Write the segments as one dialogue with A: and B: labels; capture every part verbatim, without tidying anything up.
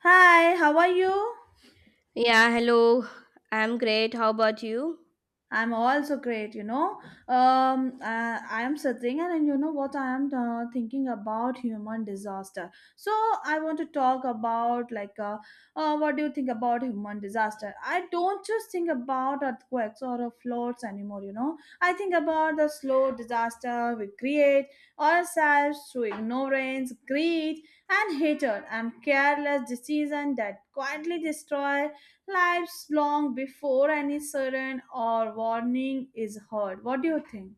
A: Hi, how are you?
B: Yeah, hello. I'm great. How about you?
A: I'm also great, you know. Um, uh, I'm sitting and, and you know what I am uh, thinking about human disaster. So I want to talk about like, uh, uh, what do you think about human disaster? I don't just think about earthquakes or uh, floods anymore, you know. I think about the slow disaster we create ourselves through ignorance, greed, and hatred and careless decisions that quietly destroy lives long before any siren or warning is heard. What do you think?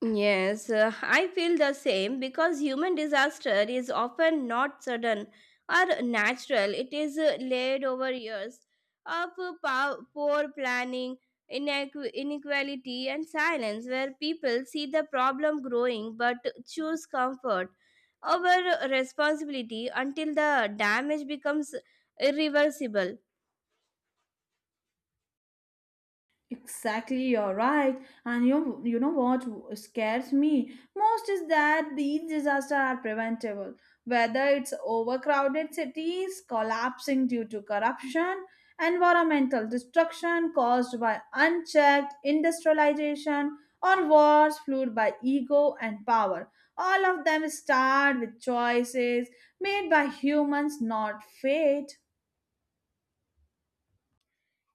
B: Yes, uh, I feel the same because human disaster is often not sudden or natural. It is uh, laid over years of uh, pow- poor planning, inequ- inequality, and silence, where people see the problem growing but choose comfort over responsibility until the damage becomes irreversible.
A: Exactly, you're right. And you you know what scares me most is that these disasters are preventable. Whether it's overcrowded cities collapsing due to corruption, environmental destruction caused by unchecked industrialization, or wars fueled by ego and power. All of them start with choices made by humans, not fate.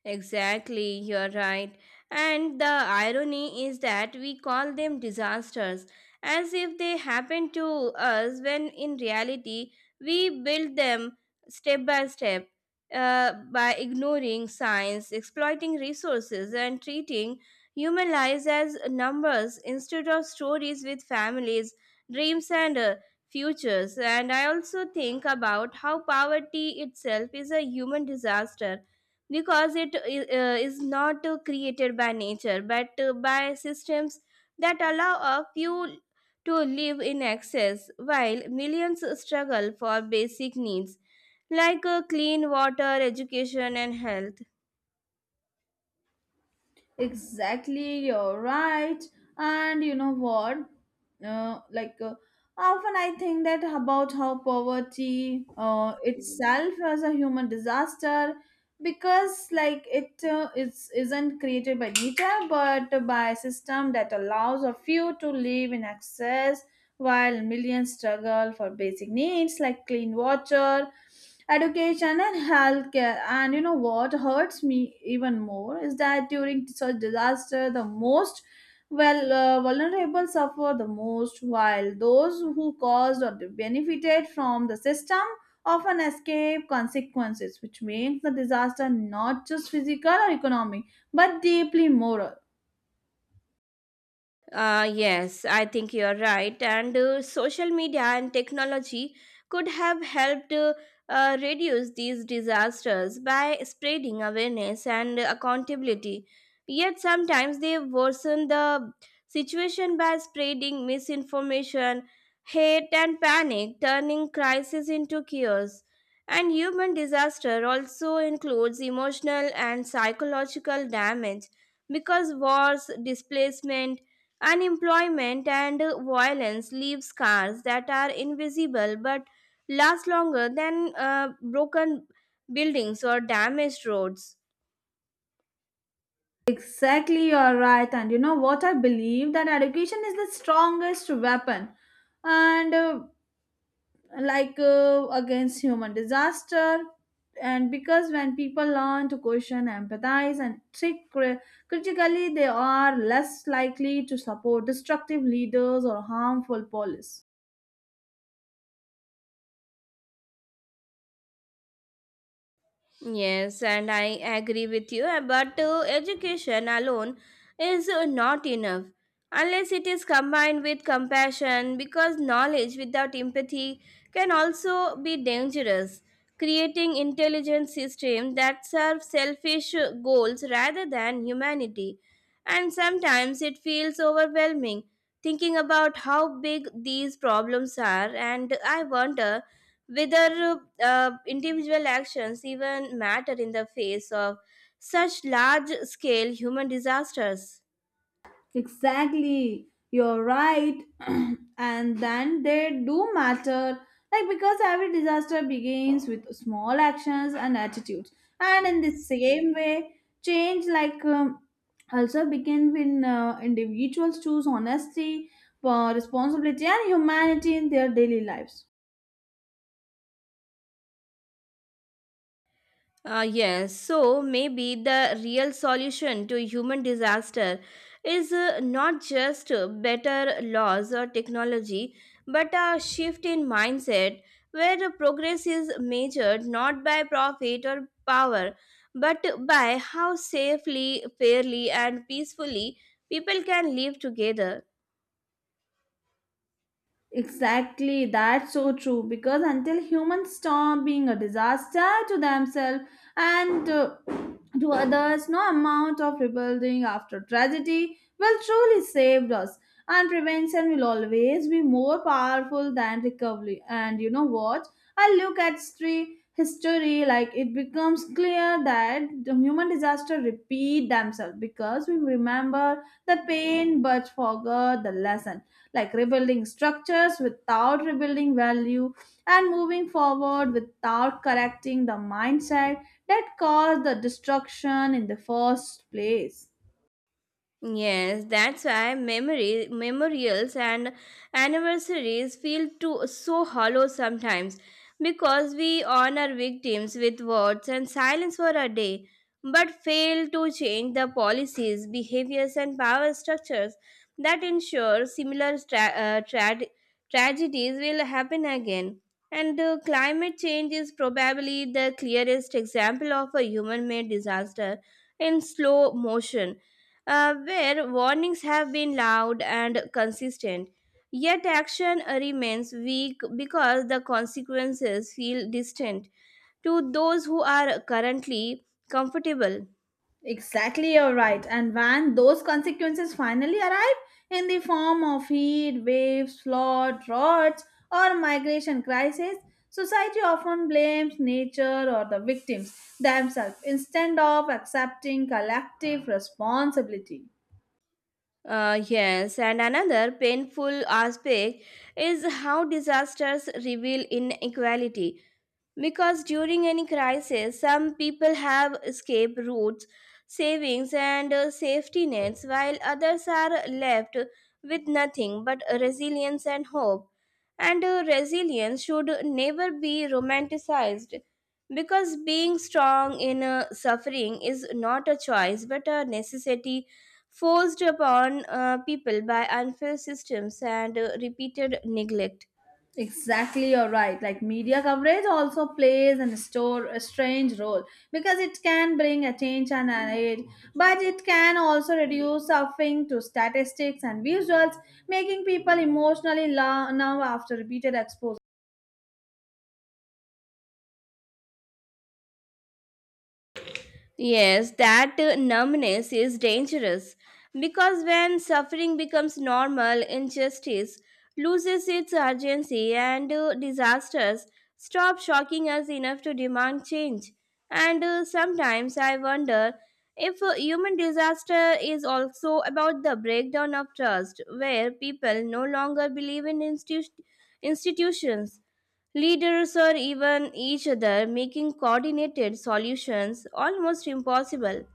B: Exactly, you're right. And the irony is that we call them disasters as if they happened to us when in reality we build them step by step uh, by ignoring science, exploiting resources, and treating human lives as numbers instead of stories with families, dreams, and uh, futures. And I also think about how poverty itself is a human disaster because it i- uh, is not uh, created by nature but uh, by systems that allow a few to live in excess while millions struggle for basic needs like uh, clean water education and health.
A: Exactly, you're right. And you know what? Uh, like uh, Often I think that about how poverty uh, itself as a human disaster because like it uh, is isn't created by nature but by a system that allows a few to live in excess while millions struggle for basic needs like clean water, education and healthcare. And you know what hurts me even more is that during such disaster the most, well uh, vulnerable suffer the most while those who caused or benefited from the system often escape consequences, which makes the disaster not just physical or economic but deeply moral.
B: Uh, yes, I think you're right. And uh, social media and technology could have helped uh, uh, reduce these disasters by spreading awareness and accountability. Yet sometimes they worsen the situation by spreading misinformation, hate, and panic, turning crisis into chaos. And human disaster also includes emotional and psychological damage because wars, displacement, unemployment and violence leave scars that are invisible but last longer than uh, broken buildings or damaged roads.
A: Exactly, you're right. And you know what? I believe that education is the strongest weapon and uh, like uh, against human disaster, and because when people learn to question, empathize and think cri- critically, they are less likely to support destructive leaders or harmful policies.
B: Yes, and I agree with you, uh, but uh, education alone is uh, not enough unless it is combined with compassion because knowledge without empathy can also be dangerous, creating intelligent systems that serve selfish uh, goals rather than humanity. And sometimes it feels overwhelming thinking about how big these problems are, and I wonder whether uh, individual actions even matter in the face of such large scale human disasters.
A: Exactly, you're right. And then they do matter, like because every disaster begins with small actions and attitudes. And in the same way, change like um, also begins when uh, individuals choose honesty, uh, responsibility, and humanity in their daily lives.
B: Uh, yes, so maybe the real solution to human disaster is uh, not just better laws or technology, but a shift in mindset where the progress is measured not by profit or power, but by how safely, fairly, and peacefully people can live together.
A: Exactly, that's so true. Because until humans stop being a disaster to themselves and, uh, to others, no amount of rebuilding after tragedy will truly save us. And prevention will always be more powerful than recovery. And you know what? I look at history, history like it becomes clear that the human disaster repeat themselves because we remember the pain but forgot the lesson, like rebuilding structures without rebuilding value and moving forward without correcting the mindset that caused the destruction in the first place.
B: Yes, that's why memory, memorials and anniversaries feel too, so hollow sometimes because we honor victims with words and silence for a day but fail to change the policies, behaviors, and power structures that ensure similar tra- uh, tra- tragedies will happen again. And uh, climate change is probably the clearest example of a human made disaster in slow motion uh, where warnings have been loud and consistent. Yet action remains weak because the consequences feel distant to those who are currently comfortable.
A: Exactly, you're right. And when those consequences finally arrive in the form of heat waves, flood, droughts, or migration crisis, society often blames nature or the victims themselves instead of accepting collective responsibility.
B: Uh, yes, and another painful aspect is how disasters reveal inequality. Because during any crisis, some people have escape routes, savings, and uh, safety nets, while others are left with nothing but resilience and hope. And uh, resilience should never be romanticized because being strong in uh, suffering is not a choice but a necessity forced upon uh, people by unfair systems and uh, repeated neglect.
A: Exactly, you're right. Like media coverage also plays and store a strange role because it can bring attention and aid, but it can also reduce suffering to statistics and visuals, making people emotionally la- numb after repeated exposure.
B: Yes, that uh, numbness is dangerous because when suffering becomes normal, injustice loses its urgency and uh, disasters stop shocking us enough to demand change. And uh, sometimes I wonder if uh, human disaster is also about the breakdown of trust, where people no longer believe in institu- institutions leaders or even each other, making coordinated solutions almost impossible.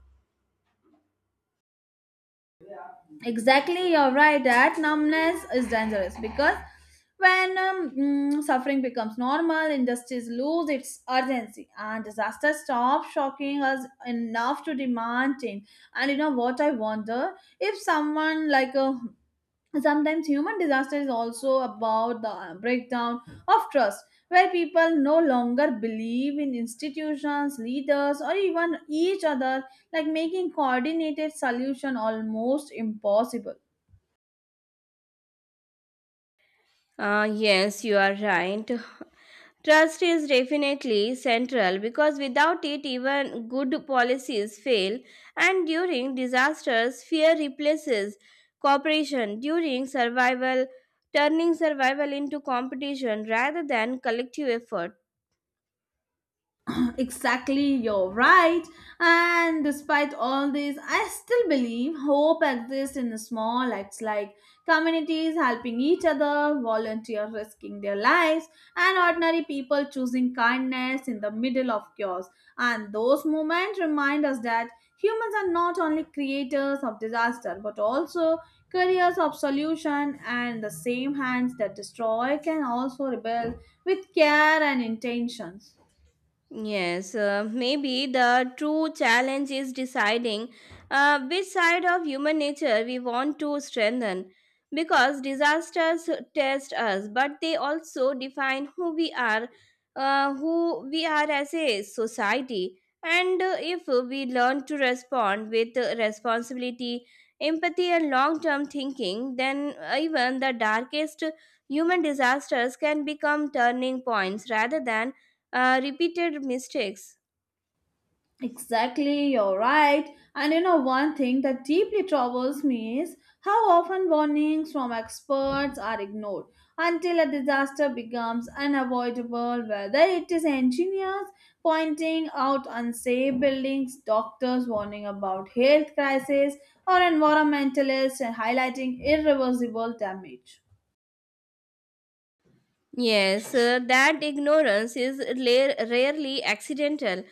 A: Exactly, you're right. That numbness is dangerous because when um, mm, suffering becomes normal, industries lose its urgency, and disaster stops shocking us enough to demand change. And you know what I wonder if someone like a sometimes human disaster is also about the uh, breakdown of trust, where people no longer believe in institutions, leaders, or even each other, like making coordinated solution almost impossible.
B: Ah, yes, you are right. Trust is definitely central because without it, even good policies fail. And during disasters, fear replaces cooperation. During survival, turning survival into competition rather than collective effort.
A: Exactly, you're right. And despite all this, I still believe hope exists in small acts like communities helping each other, volunteers risking their lives, and ordinary people choosing kindness in the middle of chaos. And those moments remind us that humans are not only creators of disaster but also carriers of solution, and the same hands that destroy can also rebuild with care and intentions.
B: Yes, uh, maybe the true challenge is deciding uh, which side of human nature we want to strengthen. Because disasters test us, but they also define who we are, uh, who we are as a society. And uh, if we learn to respond with uh, responsibility, empathy, and long term thinking, then even the darkest human disasters can become turning points rather than uh, repeated mistakes.
A: Exactly, you're right. And you know, one thing that deeply troubles me is how often warnings from experts are ignored until a disaster becomes unavoidable, whether it is engineers pointing out unsafe buildings, doctors warning about health crisis, or environmentalists highlighting irreversible damage.
B: Yes, uh, that ignorance is la- rarely accidental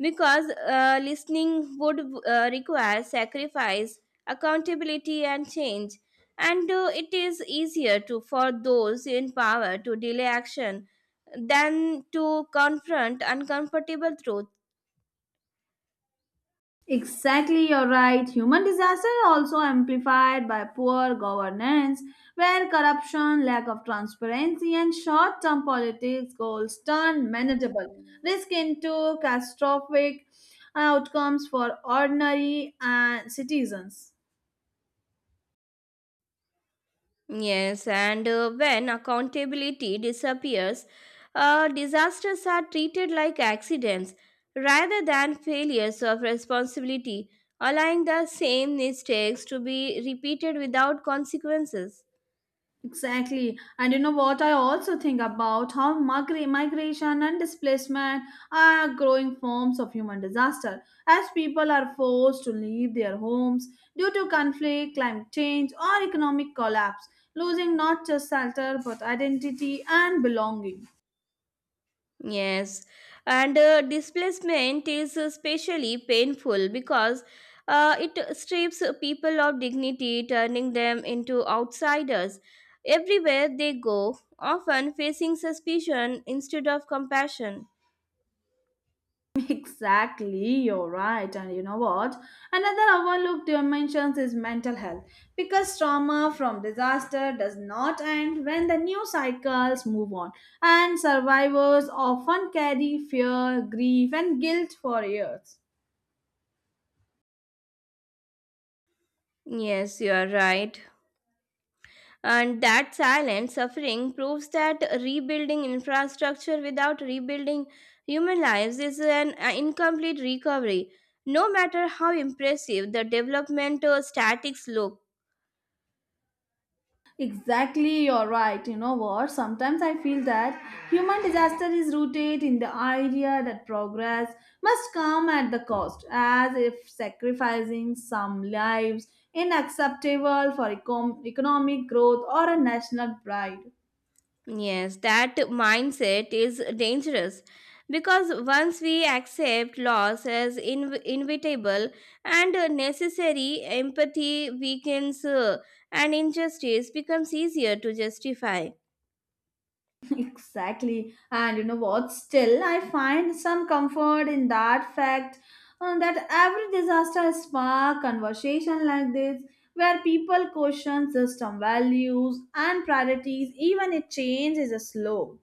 B: because uh, listening would uh, require sacrifice, accountability, and change. And uh, it is easier to for those in power to delay action than to confront uncomfortable truth.
A: Exactly, you're right. Human disaster also amplified by poor governance, where corruption, lack of transparency, and short-term politics goals turn manageable risk into catastrophic outcomes for ordinary uh, citizens.
B: Yes, and uh, when accountability disappears, uh, disasters are treated like accidents rather than failures of responsibility, allowing the same mistakes to be repeated without consequences.
A: Exactly. And you know what I also think about how migra- migration and displacement are growing forms of human disaster as people are forced to leave their homes due to conflict, climate change, or economic collapse, losing not just shelter but identity and belonging.
B: Yes, and uh, displacement is especially painful because uh, it strips people of dignity, turning them into outsiders. Everywhere they go, often facing suspicion instead of compassion.
A: Exactly, you're right. And you know what? Another overlooked dimension is mental health because trauma from disaster does not end when the new cycles move on, and survivors often carry fear, grief, and guilt for years.
B: Yes, you are right. And that silent suffering proves that rebuilding infrastructure without rebuilding human lives is an uh, incomplete recovery, no matter how impressive the development uh, statics look.
A: Exactly, you're right. You know what? Sometimes I feel that human disaster is rooted in the idea that progress must come at the cost, as if sacrificing some lives inacceptable for econ- economic growth or a national pride.
B: Yes, that mindset is dangerous because once we accept loss as inv- inevitable and uh, necessary, empathy weakens uh, and injustice becomes easier to justify.
A: Exactly. And you know what? Still, I find some comfort in that fact uh, that every disaster spark conversation like this where people question system values and priorities even if change is slow.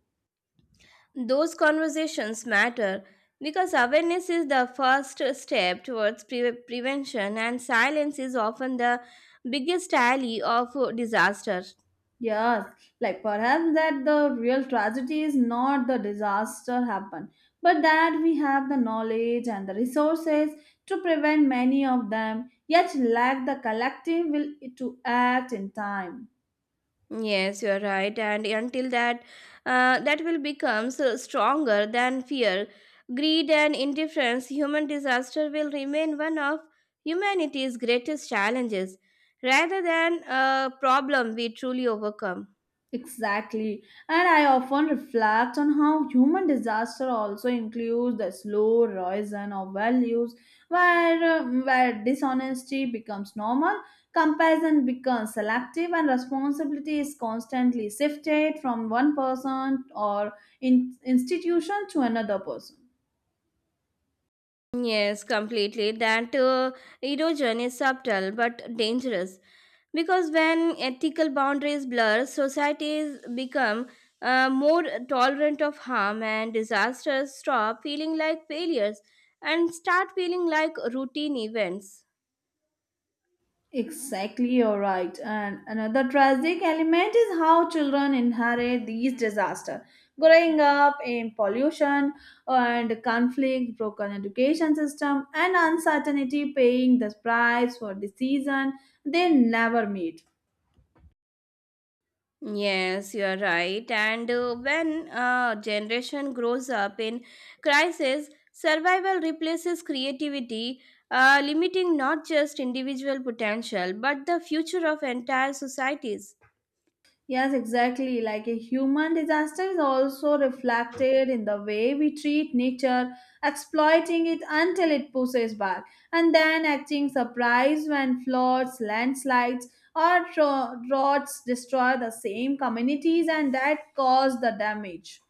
B: Those conversations matter because awareness is the first step towards pre- prevention, and silence is often the biggest ally of uh, disaster.
A: Yes, like perhaps that the real tragedy is not the disaster happen, but that we have the knowledge and the resources to prevent many of them, yet lack the collective will to act in time.
B: Yes, you're right, and until that, uh, that will become so stronger than fear, greed, and indifference. Human disaster will remain one of humanity's greatest challenges, rather than a problem we truly overcome.
A: Exactly. And I often reflect on how human disaster also includes the slow erosion of values where, uh, where dishonesty becomes normal, comparison becomes selective, and responsibility is constantly shifted from one person or in institution to another person.
B: Yes, completely. That uh, erosion is subtle but dangerous because when ethical boundaries blur, societies become uh, more tolerant of harm and disasters stop feeling like failures and start feeling like routine events.
A: Exactly, you're right. And another tragic element is how children inherit these disasters. Growing up in pollution and conflict, broken education system, and uncertainty, paying the price for decisions they never made.
B: Yes, you are right. And uh, when a generation grows up in crisis, survival replaces creativity, uh, limiting not just individual potential but the future of entire societies.
A: Yes, exactly. Like a human disaster is also reflected in the way we treat nature, exploiting it until it pushes back, and then acting surprised when floods, landslides, or dro- droughts destroy the same communities and that cause the damage.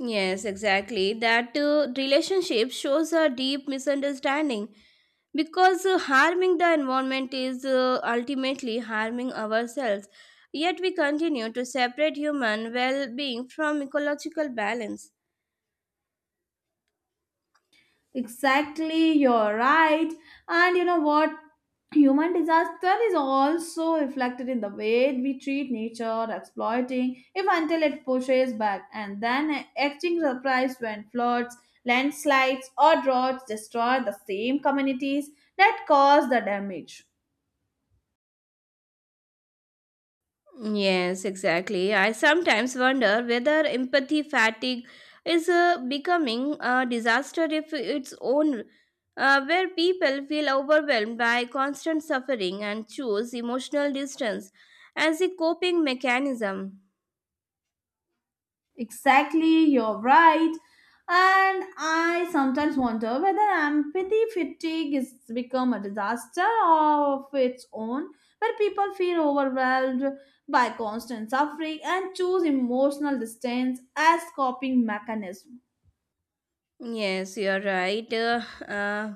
B: Yes, exactly. That uh, relationship shows a deep misunderstanding because uh, harming the environment is uh, ultimately harming ourselves. Yet we continue to separate human well being from ecological balance.
A: Exactly, you're right. And you know what? Human disaster is also reflected in the way we treat nature, exploiting if until it pushes back, and then acting surprised when floods, landslides, or droughts destroy the same communities that cause the damage.
B: Yes, exactly. I sometimes wonder whether empathy fatigue is uh, becoming a disaster if its own, uh, where people feel overwhelmed by constant suffering and choose emotional distance as a coping mechanism.
A: Exactly, you're right. And I sometimes wonder whether empathy fatigue has become a disaster of its own, where people feel overwhelmed by constant suffering and choose emotional distance as coping mechanism.
B: Yes, you are right. Uh, uh,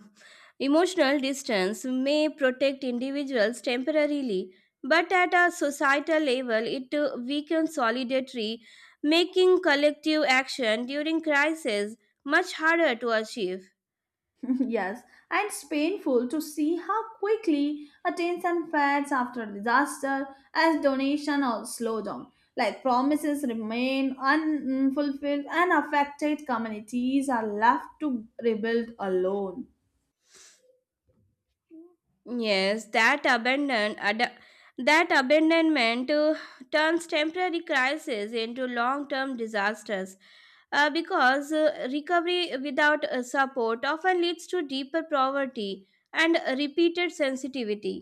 B: emotional distance may protect individuals temporarily, but at a societal level, it uh, weakens solidarity, making collective action during crisis much harder to achieve.
A: Yes, and it's painful to see how quickly attention fades after a disaster as donation or slowdown, like promises remain unfulfilled and affected communities are left to rebuild alone.
B: Yes, that abandon ad- that abandonment uh, turns temporary crises into long-term disasters. Uh, because uh, recovery without uh, support often leads to deeper poverty and repeated sensitivity.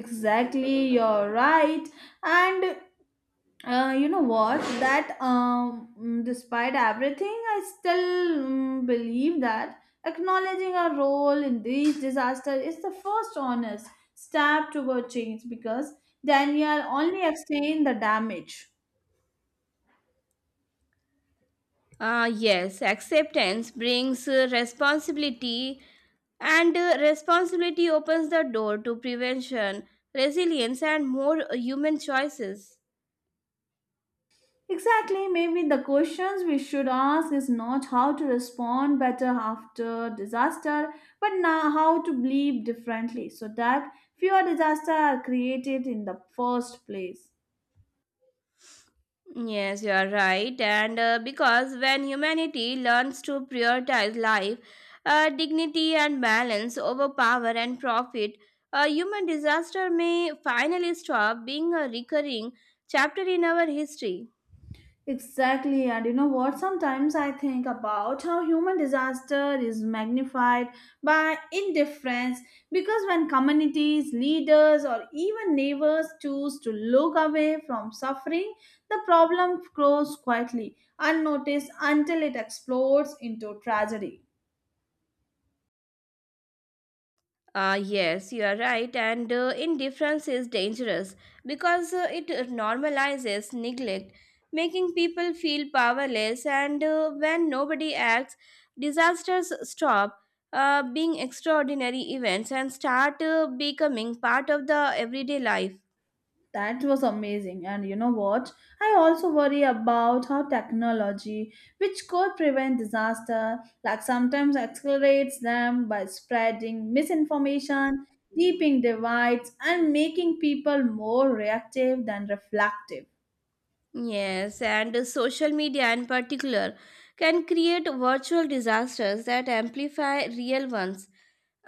A: Exactly, you're right. And Uh, you know what? That um, mm, despite everything, I still mm, believe that acknowledging our role in these disasters is the first honest step toward change because Daniel only explained the damage.
B: Ah, yes, acceptance brings uh, responsibility, and uh, responsibility opens the door to prevention, resilience, and more uh, human choices.
A: Exactly, maybe the questions we should ask is not how to respond better after disaster, but now how to believe differently so that fewer disasters are created in the first place.
B: Yes, you are right. And uh, because when humanity learns to prioritize life, uh, dignity, and balance over power and profit, a human disaster may finally stop being a recurring chapter in our history.
A: Exactly, and you know what? Sometimes I think about how human disaster is magnified by indifference because when communities, leaders, or even neighbors choose to look away from suffering, the problem grows quietly, unnoticed until it explodes into tragedy.
B: Ah, yes, you are right, and uh, indifference is dangerous because uh, it normalizes neglect, making people feel powerless. And uh, when nobody acts, disasters stop uh, being extraordinary events and start uh, becoming part of the everyday life.
A: That was amazing. And you know what? I also worry about how technology, which could prevent disaster, like sometimes accelerates them by spreading misinformation, deeping divides, and making people more reactive than reflective.
B: Yes, and uh, social media in particular can create virtual disasters that amplify real ones,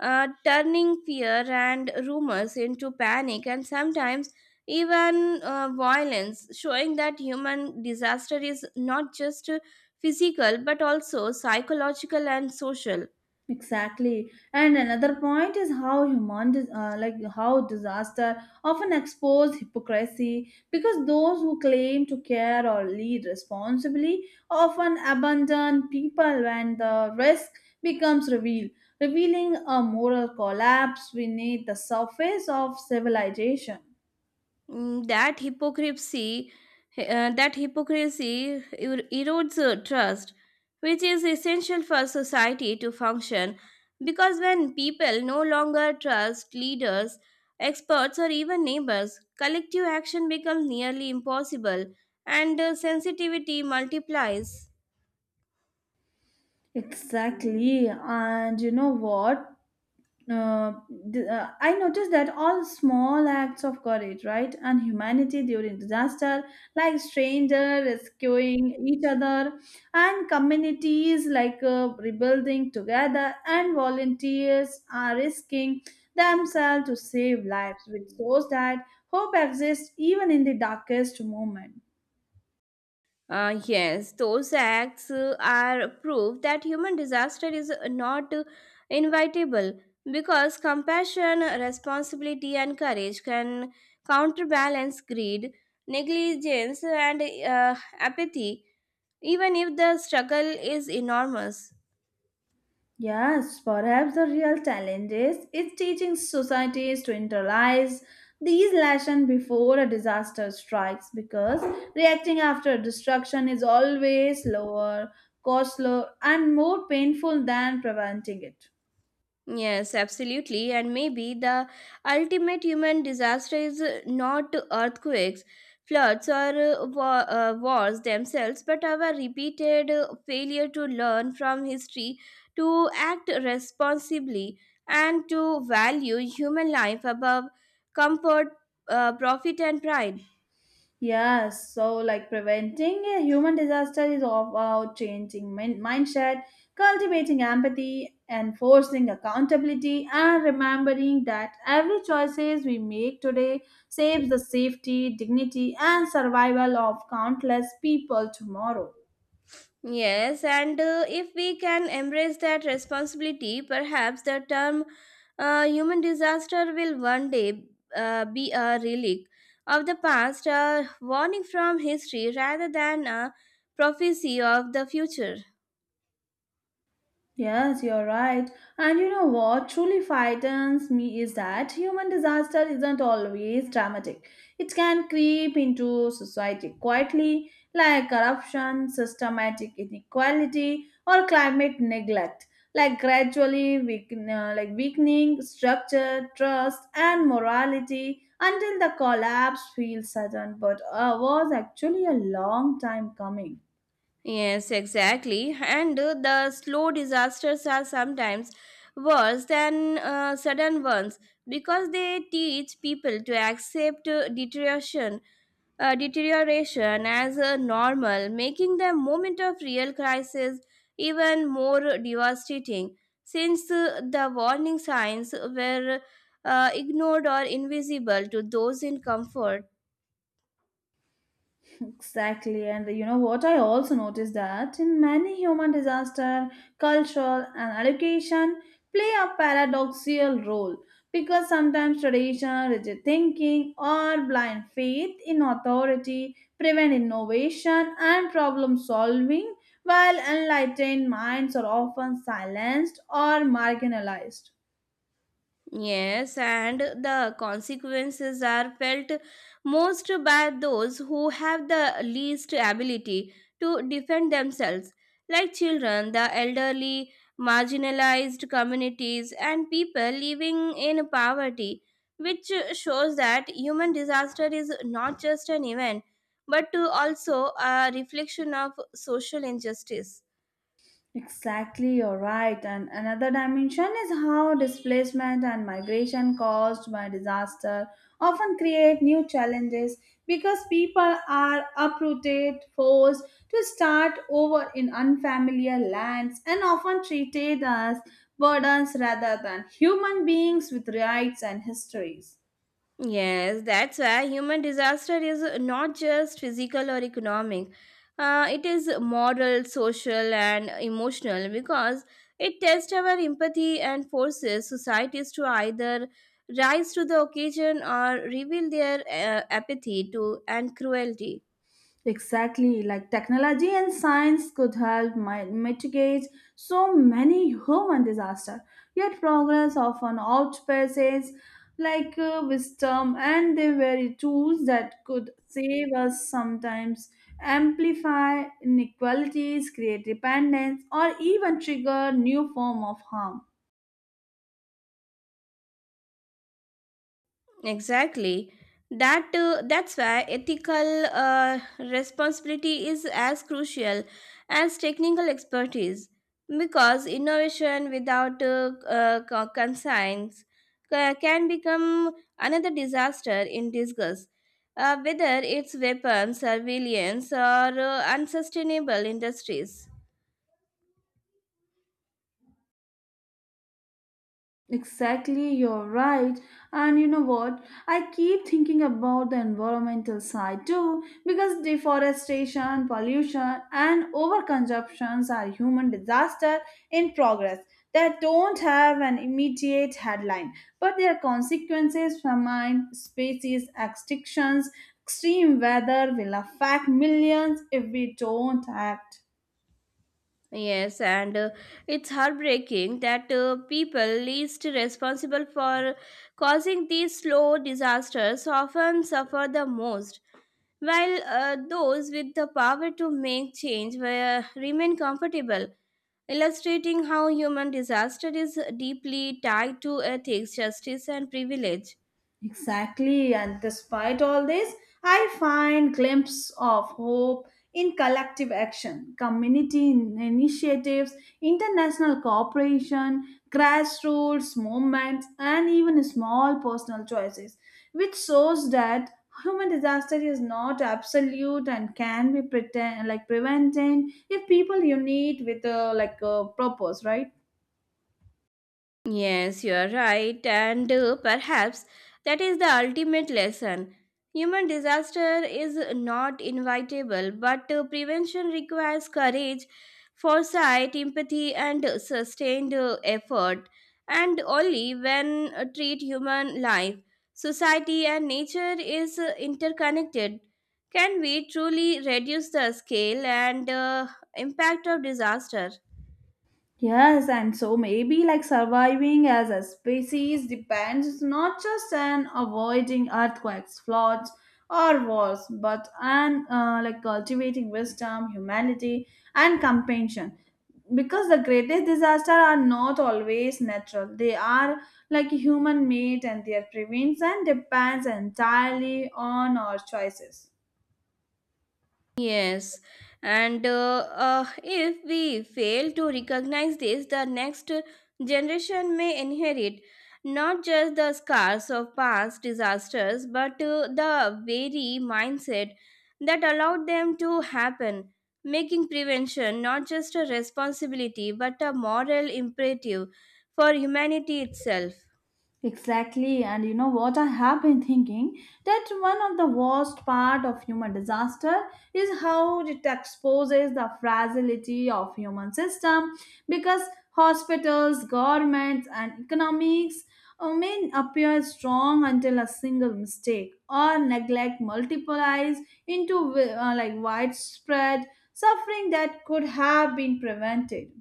B: uh, turning fear and rumors into panic and sometimes even uh, violence, showing that human disaster is not just uh, physical but also psychological and social.
A: Exactly. And another point is how human, dis- uh, like how disaster often expose hypocrisy because those who claim to care or lead responsibly often abandon people when the risk becomes revealed, revealing a moral collapse beneath the surface of civilization.
B: Mm, that hypocrisy eh, uh, that hypocrisy er- erodes uh, trust which is essential for society to function because when people no longer trust leaders experts or even neighbors collective action becomes nearly impossible and uh, sensitivity multiplies.
A: Exactly. And you know what? uh, d- uh, I noticed that all small acts of courage, right, and humanity during disaster, like stranger rescuing each other, and communities like uh, rebuilding together, and volunteers are risking themselves to save lives, which shows that hope exists even in the darkest moment.
B: Uh, yes, those acts uh, are proof that human disaster is not uh, inevitable because compassion, responsibility, and courage can counterbalance greed, negligence, and uh, apathy, even if the struggle is enormous.
A: Yes, perhaps the real challenge is, is teaching societies to internalize these lessons before a disaster strikes because reacting after destruction is always slower, costlier, and more painful than preventing it.
B: Yes, absolutely. And maybe the ultimate human disaster is uh, not earthquakes, floods, or uh, wa- uh, wars themselves, but our repeated uh, failure to learn from history, to act responsibly, and to value human life above comfort, uh, profit, and pride.
A: Yes, so like preventing a human disaster is all about changing min- mindset, cultivating empathy, enforcing accountability, and remembering that every choices we make today saves the safety, dignity, and survival of countless people tomorrow.
B: Yes, and uh, if we can embrace that responsibility, perhaps the term uh, human disaster will one day uh, be a relic of the past, a warning from history rather than a prophecy of the future.
A: Yes, you're right. And you know what truly frightens me is that human disaster isn't always dramatic. It can creep into society quietly, like corruption, systematic inequality, or climate neglect, like gradually weaken, uh, like weakening structure, trust, and morality until the collapse feels sudden, but uh, was actually a long time coming.
B: Yes, exactly. And uh, the slow disasters are sometimes worse than uh, sudden ones because they teach people to accept uh, deterioration uh, deterioration as uh, normal, making the moment of real crisis even more devastating since uh, the warning signs were uh, ignored or invisible to those in comfort.
A: Exactly, and you know what? I also noticed that in many human disaster, culture and education play a paradoxical role because sometimes tradition, rigid thinking, or blind faith in authority prevent innovation and problem solving, while enlightened minds are often silenced or marginalized.
B: Yes, and the consequences are felt most by those who have the least ability to defend themselves, like children, the elderly, marginalized communities, and people living in poverty, which shows that human disaster is not just an event but to also a reflection of social injustice.
A: Exactly, you're right. And another dimension is how displacement and migration caused by disaster often create new challenges because people are uprooted, forced to start over in unfamiliar lands, and often treated as burdens rather than human beings with rights and histories.
B: Yes, that's why human disaster is not just physical or economic. Uh, it is moral, social, and emotional because it tests our empathy and forces societies to either rise to the occasion or reveal their uh, apathy to and cruelty.
A: Exactly, like technology and science could help mi- mitigate so many human disaster. Yet progress often outpaces like uh, wisdom, and the very tools that could save us sometimes amplify inequalities, create dependence, or even trigger new form of harm.
B: Exactly. That uh, that's why ethical uh, responsibility is as crucial as technical expertise, because innovation without uh, uh, co- conscience ca- can become another disaster in disguise. Uh, whether it's weapons, surveillance, or uh, unsustainable industries.
A: Exactly, you're right. And you know what? I keep thinking about the environmental side too, because deforestation, pollution, and overconsumptions are human disaster in progress that don't have an immediate headline, but their consequences, famine, species extinctions, extreme weather will affect millions if we don't act.
B: Yes, and uh, it's heartbreaking that uh, people least responsible for causing these slow disasters often suffer the most, while uh, those with the power to make change were, remain comfortable, illustrating how human disaster is deeply tied to ethics, justice, and privilege.
A: Exactly, and despite all this, I find glimpses of hope in collective action, community in- initiatives, international cooperation, grassroots movements, and even small personal choices, which shows that human disaster is not absolute and can be pretend like prevented if people unite with a like a purpose, right?
B: Yes, you are right, and uh, perhaps that is the ultimate lesson. Human disaster is not inevitable, but uh, prevention requires courage, foresight, empathy, and uh, sustained uh, effort. And only when uh, treat human life, society, and nature is uh, interconnected, can we truly reduce the scale and uh, impact of disaster.
A: Yes, and so maybe like surviving as a species depends not just on avoiding earthquakes, floods, or wars, but on uh, like cultivating wisdom, humanity, and compassion. Because the greatest disasters are not always natural; they are like human-made, and their prevention depends entirely on our choices.
B: Yes, and uh, uh, if we fail to recognize this, the next generation may inherit not just the scars of past disasters, but uh, the very mindset that allowed them to happen, making prevention not just a responsibility but a moral imperative for humanity itself.
A: Exactly, and you know what? I have been thinking that one of the worst part of human disaster is how it exposes the fragility of human system, because hospitals, governments, and economics uh, may appear strong until a single mistake or neglect multiplies into wi- uh, like widespread suffering that could have been prevented.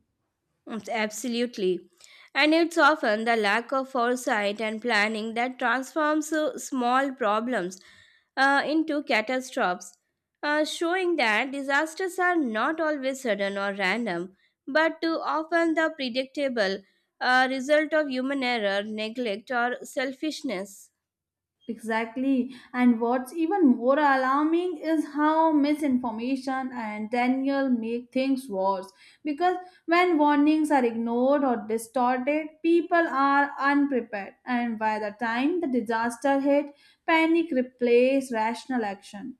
B: Mm, Absolutely. And it's often the lack of foresight and planning that transforms uh, small problems uh, into catastrophes, uh, showing that disasters are not always sudden or random, but too often the predictable uh, result of human error, neglect, or selfishness.
A: Exactly. And what's even more alarming is how misinformation and denial make things worse. Because when warnings are ignored or distorted, people are unprepared. And by the time the disaster hit, panic replaced rational action.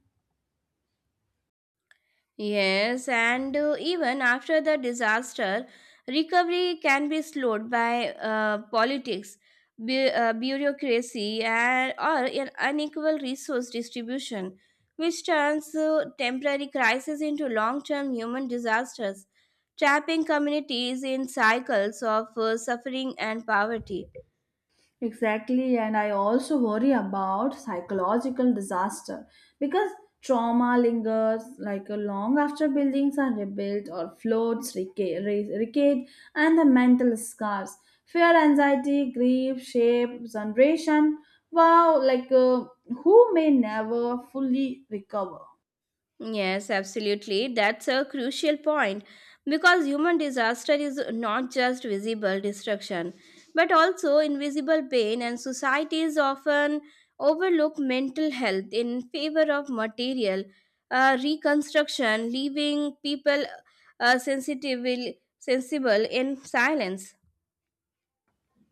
B: Yes, and uh, even after the disaster, recovery can be slowed by uh, politics, bu- uh, bureaucracy, and, or an unequal resource distribution, which turns uh, temporary crises into long term human disasters, trapping communities in cycles of uh, suffering and poverty.
A: Exactly, and I also worry about psychological disaster, because trauma lingers like a long after buildings are rebuilt or floats reca- re- recede, and the mental scars, fear, anxiety, grief, shape, generation. Wow, like uh, who may never fully recover.
B: Yes, absolutely. That's a crucial point because human disaster is not just visible destruction but also invisible pain, and societies often overlook mental health in favor of material uh, reconstruction, leaving people uh, sensitive, sensible in silence.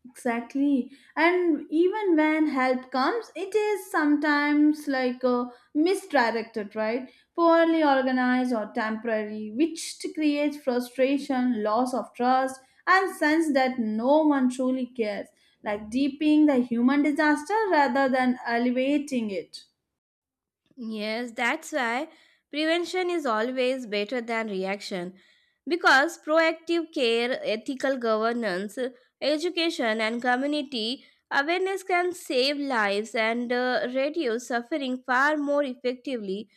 A: Exactly. And even when help comes, it is sometimes like a misdirected, right? Poorly organized or temporary, which to create frustration, loss of trust, and sense that no one truly cares, like deepening the human disaster rather than alleviating it.
B: Yes, that's why prevention is always better than reaction because proactive care, ethical governance, education, and community awareness can save lives and uh, reduce suffering far more effectively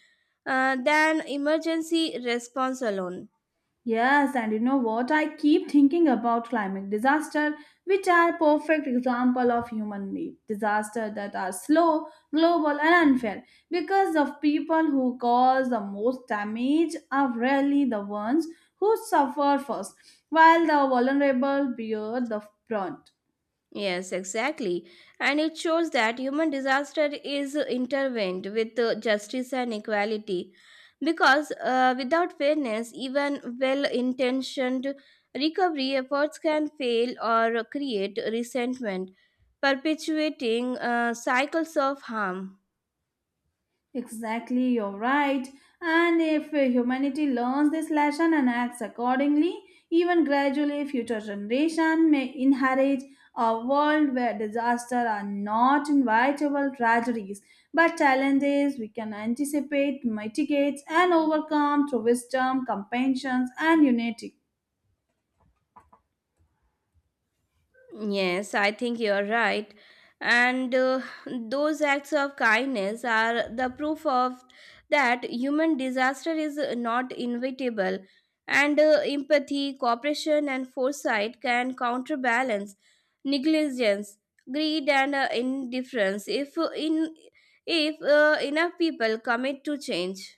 B: uh, than emergency response alone.
A: Yes, and you know what? I keep thinking about climate disaster, which are perfect example of human-made disaster that are slow, global, and unfair because of people who cause the most damage are rarely the ones who suffer first, while the vulnerable bear the brunt.
B: Yes, exactly. And it shows that human disaster is intervened with uh, justice and equality. Because uh, without fairness, even well intentioned recovery efforts can fail or create resentment, perpetuating uh, cycles of harm.
A: Exactly, you're right. And if uh, humanity learns this lesson and acts accordingly, even gradually future generation may inherit a world where disaster are not inevitable tragedies, but challenges we can anticipate, mitigate, and overcome through wisdom, compassion, and unity.
B: Yes, I think you're right. And uh, those acts of kindness are the proof of that human disaster is not inevitable. And uh, empathy, cooperation, and foresight can counterbalance negligence, greed, and uh, indifference if, uh, in, if uh, enough people commit to change.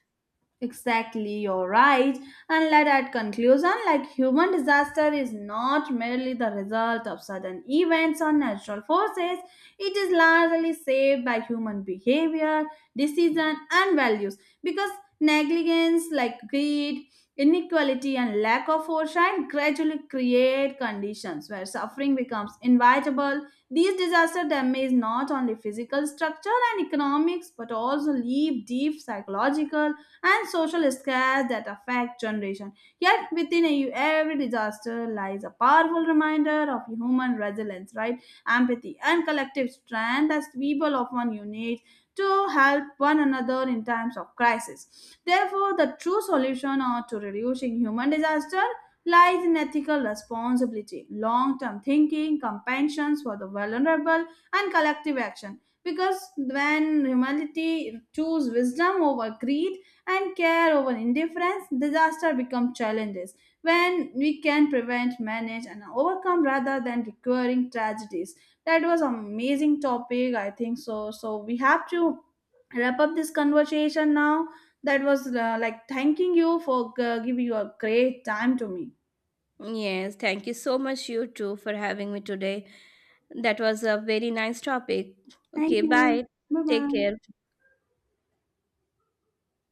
A: Exactly, you're right. And let at conclusion, like human disaster is not merely the result of sudden events or natural forces. It is largely shaped by human behavior, decision, and values. Because negligence, like greed, inequality, and lack of foresight, gradually create conditions where suffering becomes inevitable. These disaster damage not only physical structure and economics, but also leave deep psychological and social scares that affect generation. Yet within a, every disaster lies a powerful reminder of human resilience, right? Empathy and collective strength as people often unite to help one another in times of crisis. Therefore, the true solution uh, to reducing human disaster lies in ethical responsibility, long-term thinking, compassion for the vulnerable, and collective action. Because when humanity choose wisdom over greed, and care over indifference, disaster become challenges when we can prevent, manage, and overcome rather than recurring tragedies. That was amazing topic, I think so. So we have to wrap up this conversation now. That was uh, like thanking you for uh, giving your great time to me.
B: Yes, thank you so much, you too, for having me today. That was a very nice topic.
A: Thank
B: Okay,
A: you.
B: bye.
A: Bye
B: Take
A: bye.
B: care.